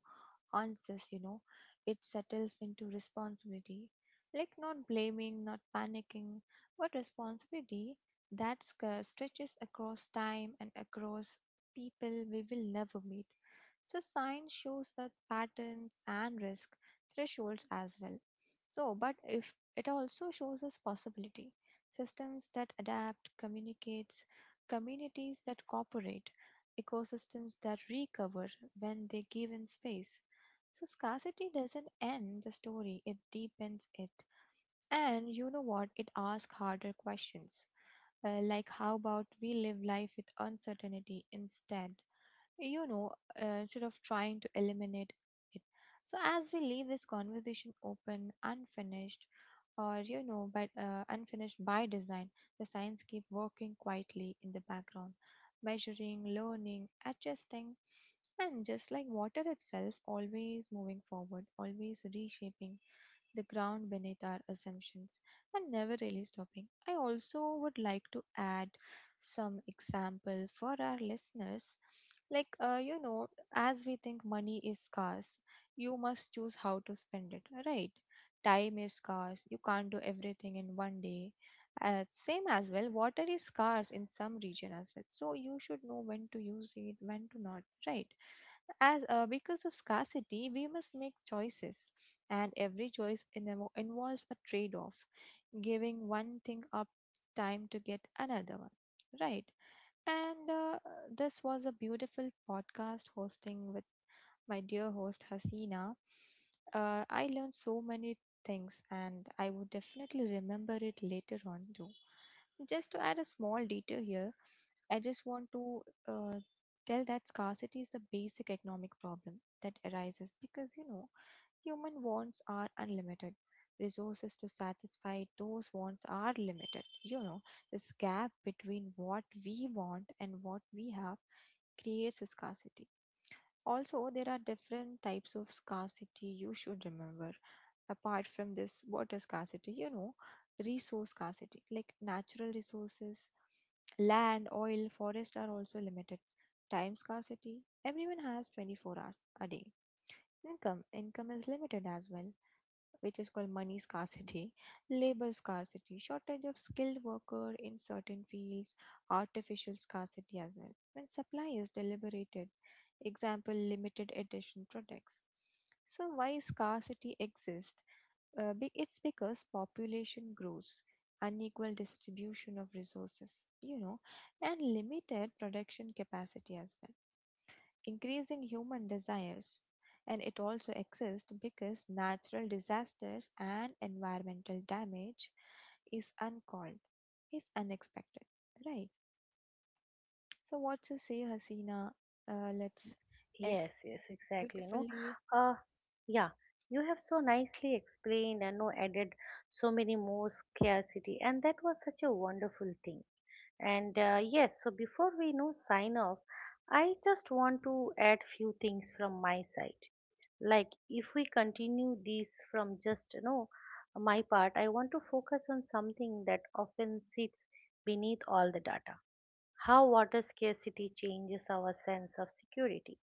[SPEAKER 2] answers, you know. It settles into responsibility. Like not blaming, not panicking, but responsibility that stretches across time and across people we will never meet. So, science shows us patterns and risk thresholds as well. So, but if it also shows us possibility, systems that adapt, communicates, communities that cooperate, ecosystems that recover when they give in space. So scarcity doesn't end the story, it deepens it. And you know what? It asks harder questions. Like, how about we live life with uncertainty instead? you know, Instead of trying to eliminate it. So, as we leave this conversation open, unfinished, or you know, but unfinished by design, the signs keep working quietly in the background, measuring, learning, adjusting, and just like water itself, always moving forward, always reshaping the ground beneath our assumptions and never really stopping. I also would like to add some example for our listeners. Like, as we think money is scarce, you must choose how to spend it, right? Time is scarce, you can't do everything in one day. Same as well, water is scarce in some region as well. So you should know when to use it, when to not, right? As because of scarcity we must make choices and every choice involves a trade off giving one thing up time to get another one, right. and This was a beautiful podcast hosting with my dear host Hasina. I learned so many things and I would definitely remember it later on too. Just to add a small detail here, I just want to uh, tell that scarcity is the basic economic problem that arises because, you know, human wants are unlimited. Resources to satisfy those wants are limited. You know, this gap between what we want and what we have creates a scarcity. Also, there are different types of scarcity you should remember. Apart from this water scarcity, you know, resource scarcity like natural resources, land, oil, forest are also limited. Time scarcity, everyone has 24 hours a day. Income is limited as well, which is called money scarcity, labor scarcity, shortage of skilled worker in certain fields, artificial scarcity as well. When supply is deliberated, example limited edition products. So why scarcity exists? It's because population grows, unequal distribution of resources, you know, and limited production capacity as well, increasing human desires. And it also exists because natural disasters and environmental damage is uncalled, is unexpected, right? So, what you say, Hasina? Let's end
[SPEAKER 1] Yes, yes, exactly. No,
[SPEAKER 2] beautifully.
[SPEAKER 1] uh, yeah, you have so nicely explained and no added so many more scarcity, and that was such a wonderful thing. And yes, so before we, you know, sign off, I just want to add few things from my side. Like if we continue this from, just you know, my part, I want to focus on something that often sits beneath all the data. How water scarcity changes our sense of security.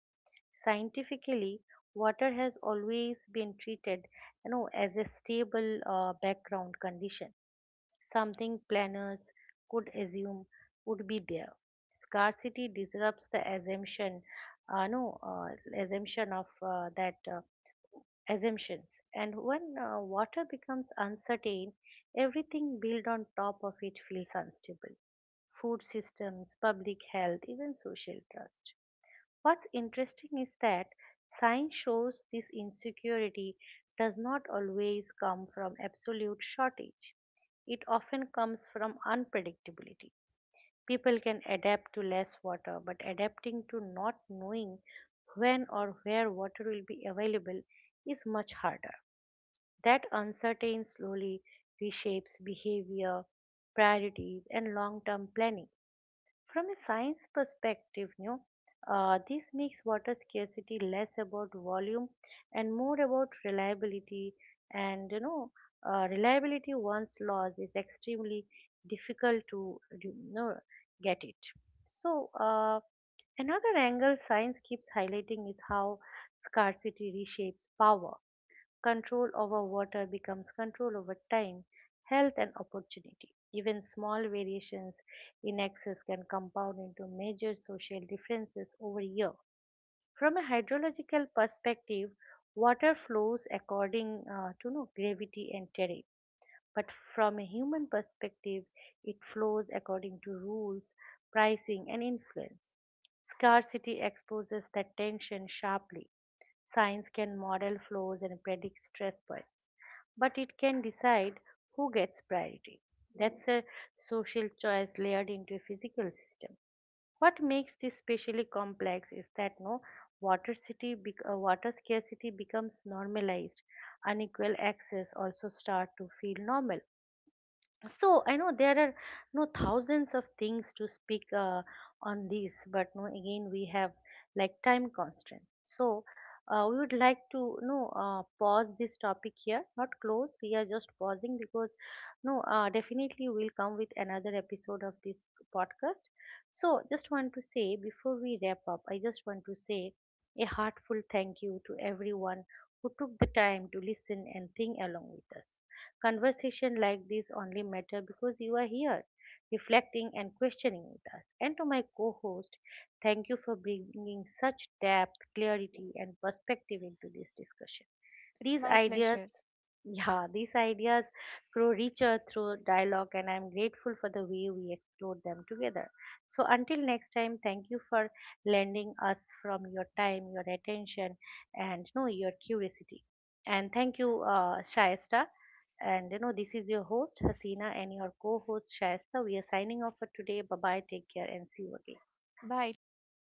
[SPEAKER 1] Scientifically, water has always been treated, you know, as a stable background condition, something planners could assume would be there. Scarcity disrupts the assumption, no assumption of that assumptions. And when water becomes uncertain, everything built on top of it feels unstable: food systems, public health, even social trust. What's interesting is that science shows this insecurity does not always come from absolute shortage. It often comes from unpredictability. People can adapt to less water, but adapting to not knowing when or where water will be available is much harder. That uncertainty slowly reshapes behavior, priorities, and long term planning. From a science perspective, you know, this makes water scarcity less about volume and more about reliability. And, you know, reliability once lost is extremely difficult to, you know, get it. So, another angle science keeps highlighting is how scarcity reshapes power. Control over water becomes control over time, health, and opportunity. Even small variations in access can compound into major social differences over a year. From a hydrological perspective, water flows according, to no, gravity and terrain. But from a human perspective, it flows according to rules, pricing, and influence. Scarcity exposes that tension sharply. Science can model flows and predict stress points, but it can decide who gets priority. That's a social choice layered into a physical system. What makes this especially complex is that no water city bec- water scarcity becomes normalized. Unequal access also start to feel normal. So I know there are no thousands of things to speak on this, but no again we have like time constraint. So we would like to no pause this topic here, not close. We are just pausing because no definitely we'll come with another episode of this podcast. So, just want to say before we wrap up, I just want to say a heartfelt thank you to everyone who took the time to listen and think along with us. Conversation like this only matter because you are here, reflecting and questioning with us. And to my co-host, thank you for bringing such depth, clarity, and perspective into this discussion.
[SPEAKER 2] It's
[SPEAKER 1] These
[SPEAKER 2] my
[SPEAKER 1] ideas,
[SPEAKER 2] pleasure.
[SPEAKER 1] yeah, these ideas grow richer through dialogue, and I'm grateful for the way we explored them together. So, until next time, thank you for lending us from your time, your attention, and, you know, your curiosity. And thank you, Shaista. And, you know, this is your host Hasina and your co-host Shaista. We are signing off for today. Bye bye. Take care and see you again.
[SPEAKER 2] Bye. Take care.